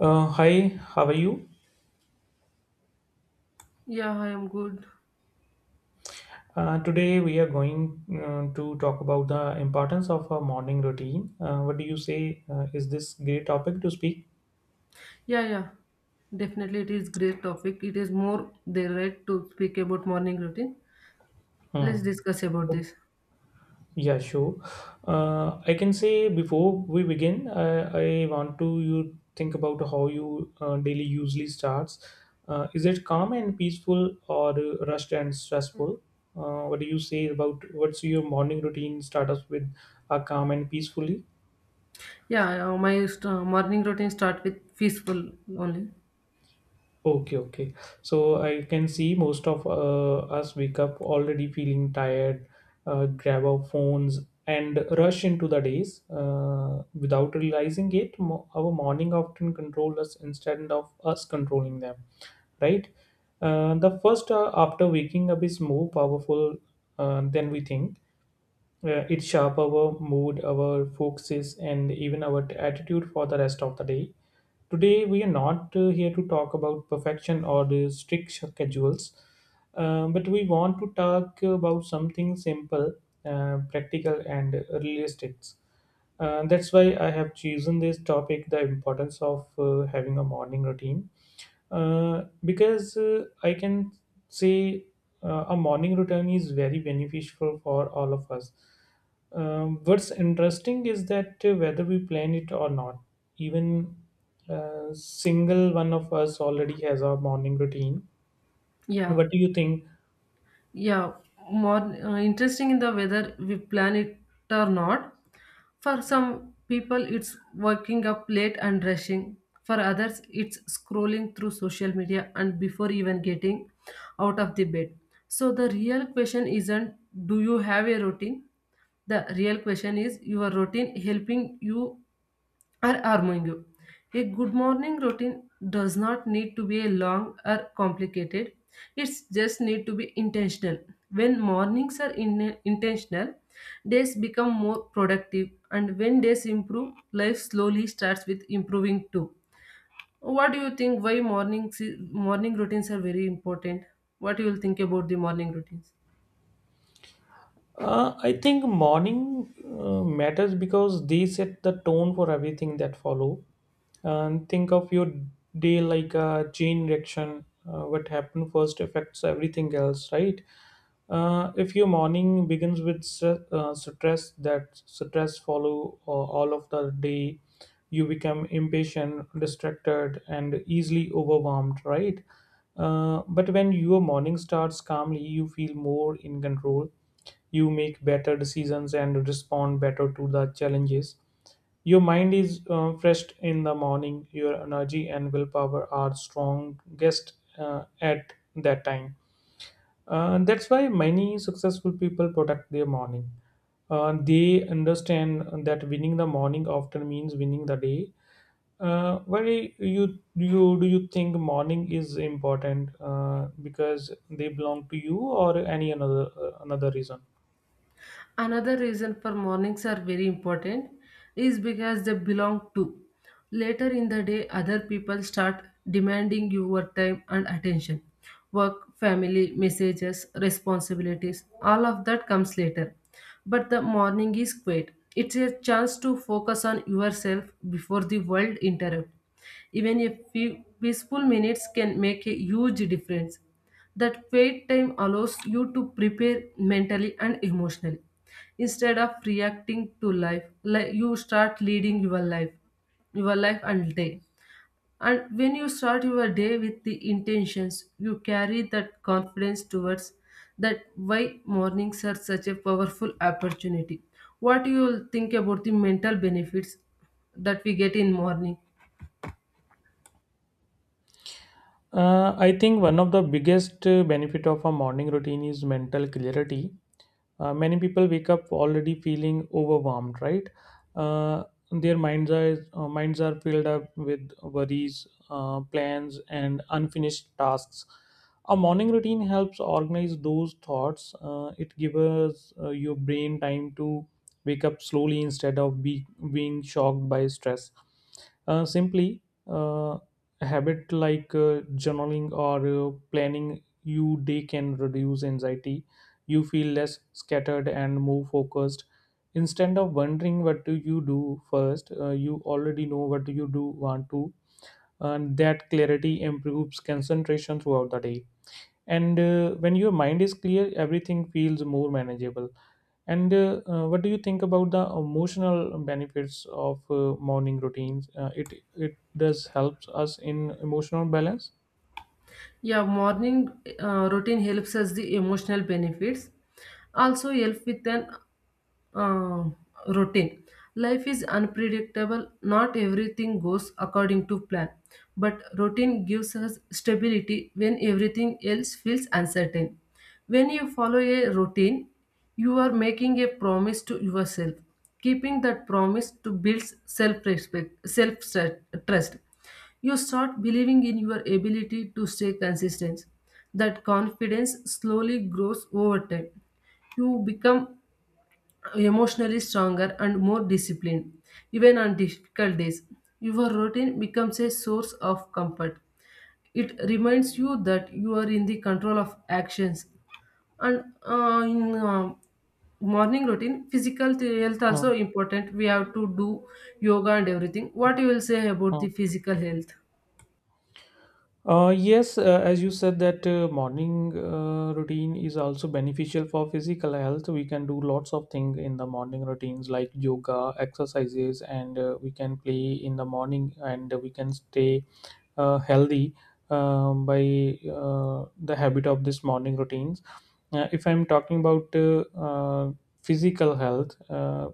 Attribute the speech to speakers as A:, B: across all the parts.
A: Hi, how are you?
B: Yeah, I am good.
A: Today we are going to talk about the importance of a morning routine. What do you say? Is this great topic to speak?
B: Yeah, yeah. Definitely it is great topic. It is more their right to speak about morning routine.
A: Hmm.
B: Let's discuss about
A: Oh,
B: this.
A: yeah, sure. I can say before we begin, I want to you think about how you daily usually starts. Is it calm and peaceful or rushed and stressful? What do you say about what's your morning routine start us with calm and peacefully?
B: Yeah, my morning routine start with peaceful only.
A: Okay, okay. So I can see most of us wake up already feeling tired, grab our phones, and rush into the days. Without realizing it, our morning often control us instead of us controlling them, right? The first after waking up is more powerful than we think. It shapes our mood, our focuses, and even our attitude for the rest of the day. Today, we are not here to talk about perfection or the strict schedules, but we want to talk about something simple, practical, and realistic. That's why I have chosen this topic the importance of having a morning routine because I can say a morning routine is very beneficial for all of us. What's interesting is that whether we plan it or not, even single one of us already has our morning routine.
B: Yeah.
A: What do you think?
B: Yeah, more interesting in the whether we plan it or not. For some people, it's waking up late and rushing. For others, it's scrolling through social media and before even getting out of the bed. So, the real question isn't, do you have a routine? The real question is, your routine helping you or arming you? A good morning routine does not need to be a long or complicated. It just need to be intentional. When mornings are intentional, days become more productive, and when days improve, life slowly starts with improving too. What do you think, why morning routines are very important? What you will think about the morning routines?
A: I think morning matters because they set the tone for everything that follow. And think of your day like a chain reaction, what happened first affects everything else, right? If your morning begins with stress, that stress follow all of the day. You become impatient, distracted, and easily overwhelmed, right? But when your morning starts calmly, you feel more in control. You make better decisions and respond better to the challenges. Your mind is fresh in the morning, your energy and willpower are strongest at that time. That's why many successful people protect their morning. They understand that winning the morning often means winning the day. Why you you do you think morning is important, because they belong to you or any another another reason?
B: Another reason for mornings are very important is because they belong to later in the day. Other people start demanding your time and attention, work, family, messages, responsibilities, all of that comes later. But the morning is quiet. It's a chance to focus on yourself before the world interrupts. Even a few peaceful minutes can make a huge difference. That wait time allows you to prepare mentally and emotionally. Instead of reacting to life, like, you start leading your life and day. And when you start your day with the intentions, you carry that confidence towards that, why mornings are such a powerful opportunity. What you will think about the mental benefits that we get in morning?
A: I think one of the biggest benefit of a morning routine is mental clarity. Many people wake up already feeling overwhelmed, right? Uh, their minds are filled up with worries, plans and unfinished tasks. A morning routine helps organize those thoughts. It gives your brain time to wake up slowly instead of being shocked by stress. Simply uh, a habit like journaling or planning your day can reduce anxiety. You feel less scattered and more focused. Instead of wondering what do you do first, you already know what do you do want to, and that clarity improves concentration throughout the day. And when your mind is clear, everything feels more manageable. And what do you think about the emotional benefits of morning routines? It does helps us in emotional balance.
B: Yeah, morning routine helps us the emotional benefits. Also help with an uh, routine. Life is unpredictable. Not everything goes according to plan. But routine gives us stability when everything else feels uncertain. When you follow a routine, you are making a promise to yourself. Keeping that promise to builds self-respect, self-trust. You start believing in your ability to stay consistent. That confidence slowly grows over time. You become emotionally stronger and more disciplined, even on difficult days. Your routine becomes a source of comfort. It reminds you that you are in the control of actions. And in morning routine, physical health
A: Uh,
B: also important. We have to do yoga and everything. What you will say about
A: uh.
B: the physical health?
A: Yes, as you said that morning routine is also beneficial for physical health. We can do lots of things in the morning routines like yoga, exercises, and we can play in the morning and we can stay healthy by the habit of this morning routines. If I'm talking about physical health,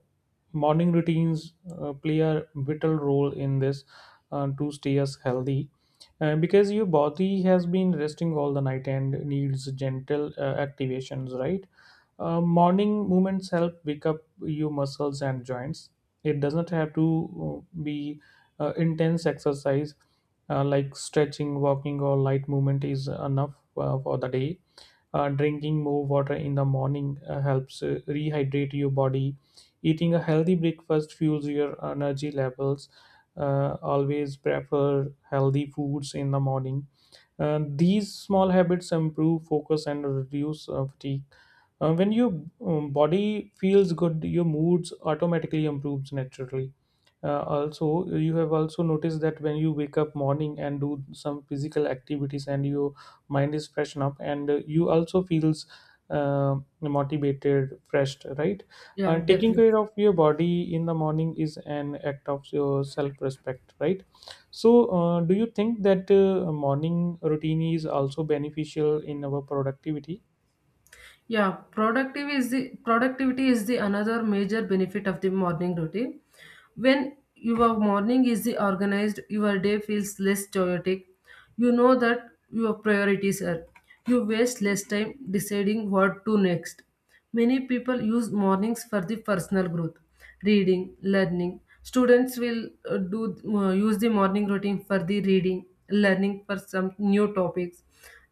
A: morning routines play a vital role in this to stay us healthy because your body has been resting all the night and needs gentle activations, right? Morning movements help wake up your muscles and joints. It doesn't have to be intense exercise like stretching, walking, or light movement is enough for the day. Drinking more water in the morning helps rehydrate your body. Eating a healthy breakfast fuels your energy levels. Always prefer healthy foods in the morning. These small habits improve focus and reduce fatigue. When your body feels good, your moods automatically improves naturally. Also, you have also noticed that when you wake up morning and do some physical activities, and your mind is freshen up, and you also feels motivated, fresh, right?
B: Yeah,
A: Taking care
B: definitely.
A: of your body in the morning is an act of your self-respect, right? So, do you think that morning routine is also beneficial in our productivity?
B: Yeah, productive is the productivity is the another major benefit of the morning routine. When your morning is the organized, your day feels less chaotic. You know that your priorities are. You waste less time deciding what to next. Many people use mornings for the personal growth, reading, learning. Students will do use the morning routine for the reading, learning for some new topics,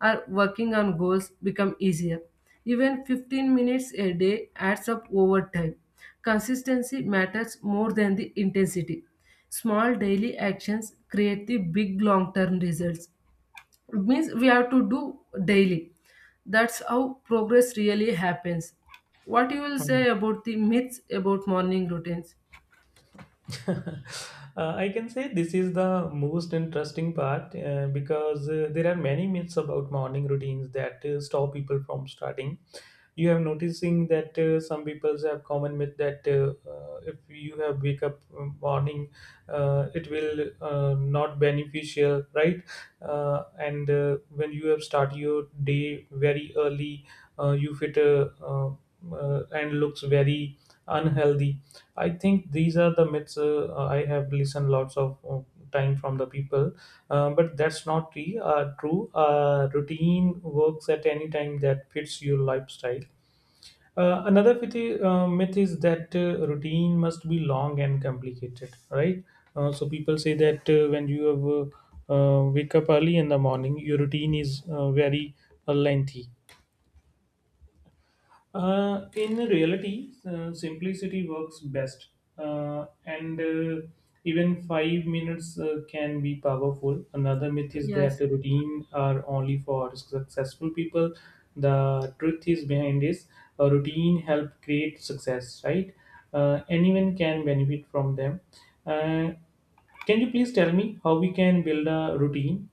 B: or working on goals become easier. Even 15 minutes a day adds up over time. Consistency matters more than the intensity. Small daily actions create the big long term results. It means we have to do daily. That's how progress really happens. What you will say about the myths about morning routines?
A: I can say this is the most interesting part because there are many myths about morning routines that stop people from starting. You have noticing that some people have common myth that if you have wake up morning, it will not beneficial, right? And When you have start your day very early, you fit a, and looks very unhealthy. I think these are the myths I have listened lots of time from the people, but that's not true. Routine works at any time that fits your lifestyle. Myth is that routine must be long and complicated, right? So people say that when you have, wake up early in the morning, your routine is very lengthy. In reality, simplicity works best, and even 5 minutes can be powerful. Another myth is that
B: Yes.
A: the routine are only for successful people. The truth is behind this: a routine help create success, right? Anyone can benefit from them. Uh, can you please tell me how we can build a routine?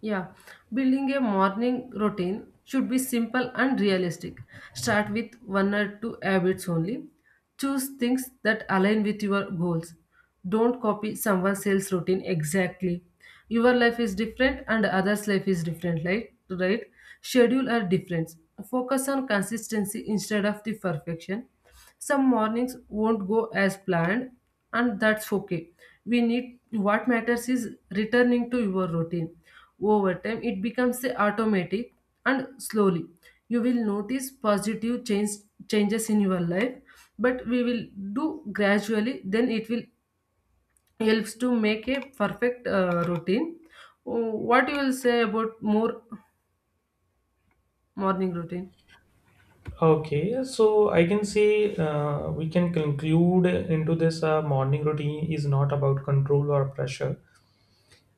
B: Yeah, building a morning routine should be simple and realistic. Start with one or two habits only. Choose things that align with your goals. Don't copy someone else's routine exactly. Your life is different and others' life is different, right? Right? Schedule are different. Focus on consistency instead of the perfection. Some mornings won't go as planned, and that's okay. We need what matters is returning to your routine. Over time, it becomes a automatic, and slowly you will notice changes in your life. But we will do gradually. Then it will helps to make a perfect routine. Oh, what you will say about more morning routine?
A: Okay, so I can say we can conclude into this morning routine is not about control or pressure.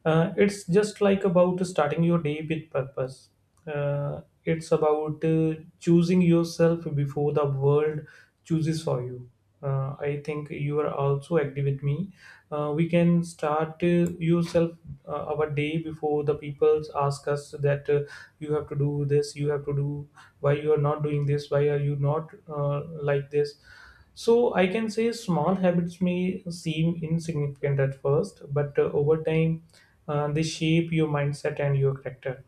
A: It's just like about starting your day with purpose. It's about choosing yourself before the world chooses for you. I think you are also agree with me. We can start yourself our day before the people ask us that you have to do this, you have to do why you are not doing this, why are you not like this. So I can say small habits may seem insignificant at first, but over time, they shape your mindset and your character.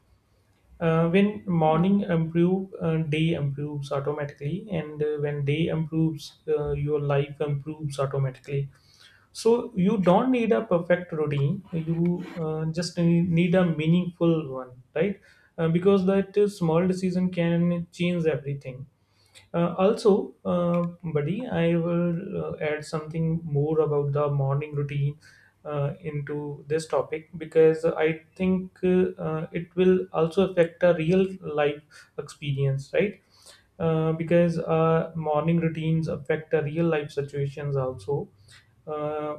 A: When
B: Yeah.
A: morning improve, day improves automatically, and when day improves, your life improves automatically. So you don't need a perfect routine; you just need a meaningful one, right? Because that small decision can change everything. Uh, also, uh, Buddy, I will add something more about the morning routine into this topic because I think it will also affect a real life experience, right? Because Morning routines affect the real life situations also. Uh,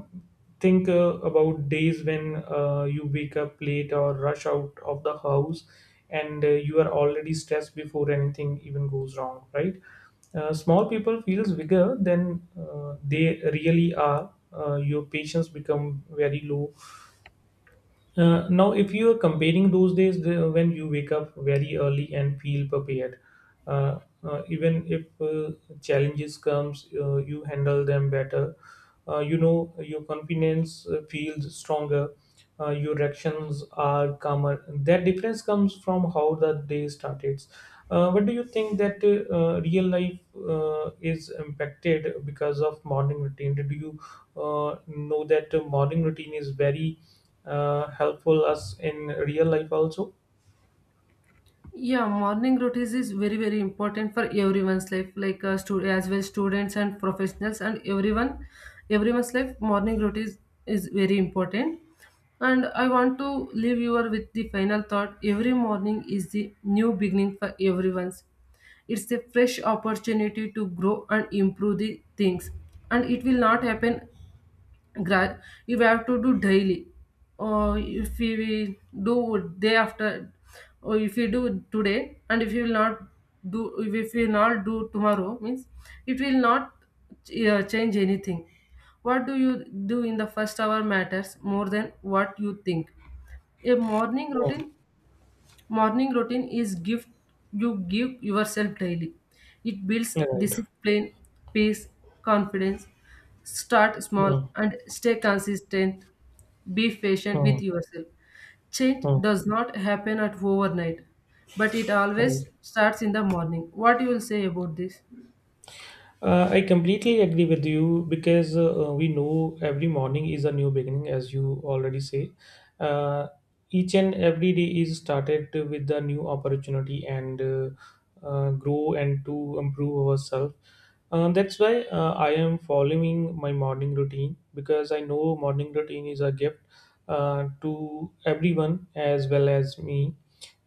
A: think About days when you wake up late or rush out of the house and you are already stressed before anything even goes wrong, right? Small people feels bigger than they really are. Your patience become very low. Now if you are comparing those days the, when you wake up very early and feel prepared, even if challenges comes, you handle them better. You know your confidence feels stronger. Your actions are calmer. That difference comes from how the day started. What do you think that real life is impacted because of morning routine? Did you know that morning routine is very helpful us in real life also.
B: Yeah, morning routines is very very important for everyone's life, like, as well students and professionals and everyone's life. Morning routines is very important, and I want to leave you all with the final thought. Every morning is the new beginning for everyone's. It's a fresh opportunity to grow and improve the things, and it will not happen. gra- you have to do daily, or if we will do day after, or if you do today and if you will not do, if you will not do tomorrow means it will not change anything. What do you do in the first hour matters more than what you think. A morning routine Morning routine is gift you give yourself daily. It builds
A: Right.
B: discipline, peace, confidence. Start small
A: Mm,
B: and stay consistent. Be patient with
A: mm,
B: yourself. Change
A: mm.
B: does not happen at overnight, but it always
A: Right.
B: starts in the morning. What you will say about this?
A: I completely agree with you because we know every morning is a new beginning, as you already say. Uh, each and every day is started with a new opportunity and grow and to improve ourselves. That's why I am following my morning routine because I know morning routine is a gift to everyone as well as me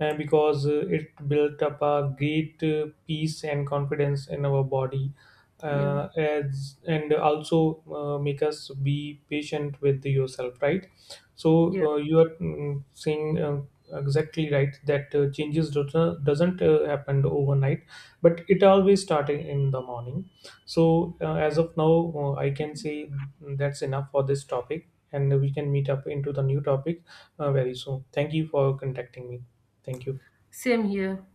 A: because it built up a great peace and confidence in our body
B: Yeah.
A: as and also make us be patient with yourself, right? So
B: Yeah.
A: you are mm, saying exactly right that changes doesn't happen overnight, but it always started in the morning. So as of now I can say that's enough for this topic and we can meet up into the new topic. Very soon, thank you for contacting me. Thank you.
B: Same here.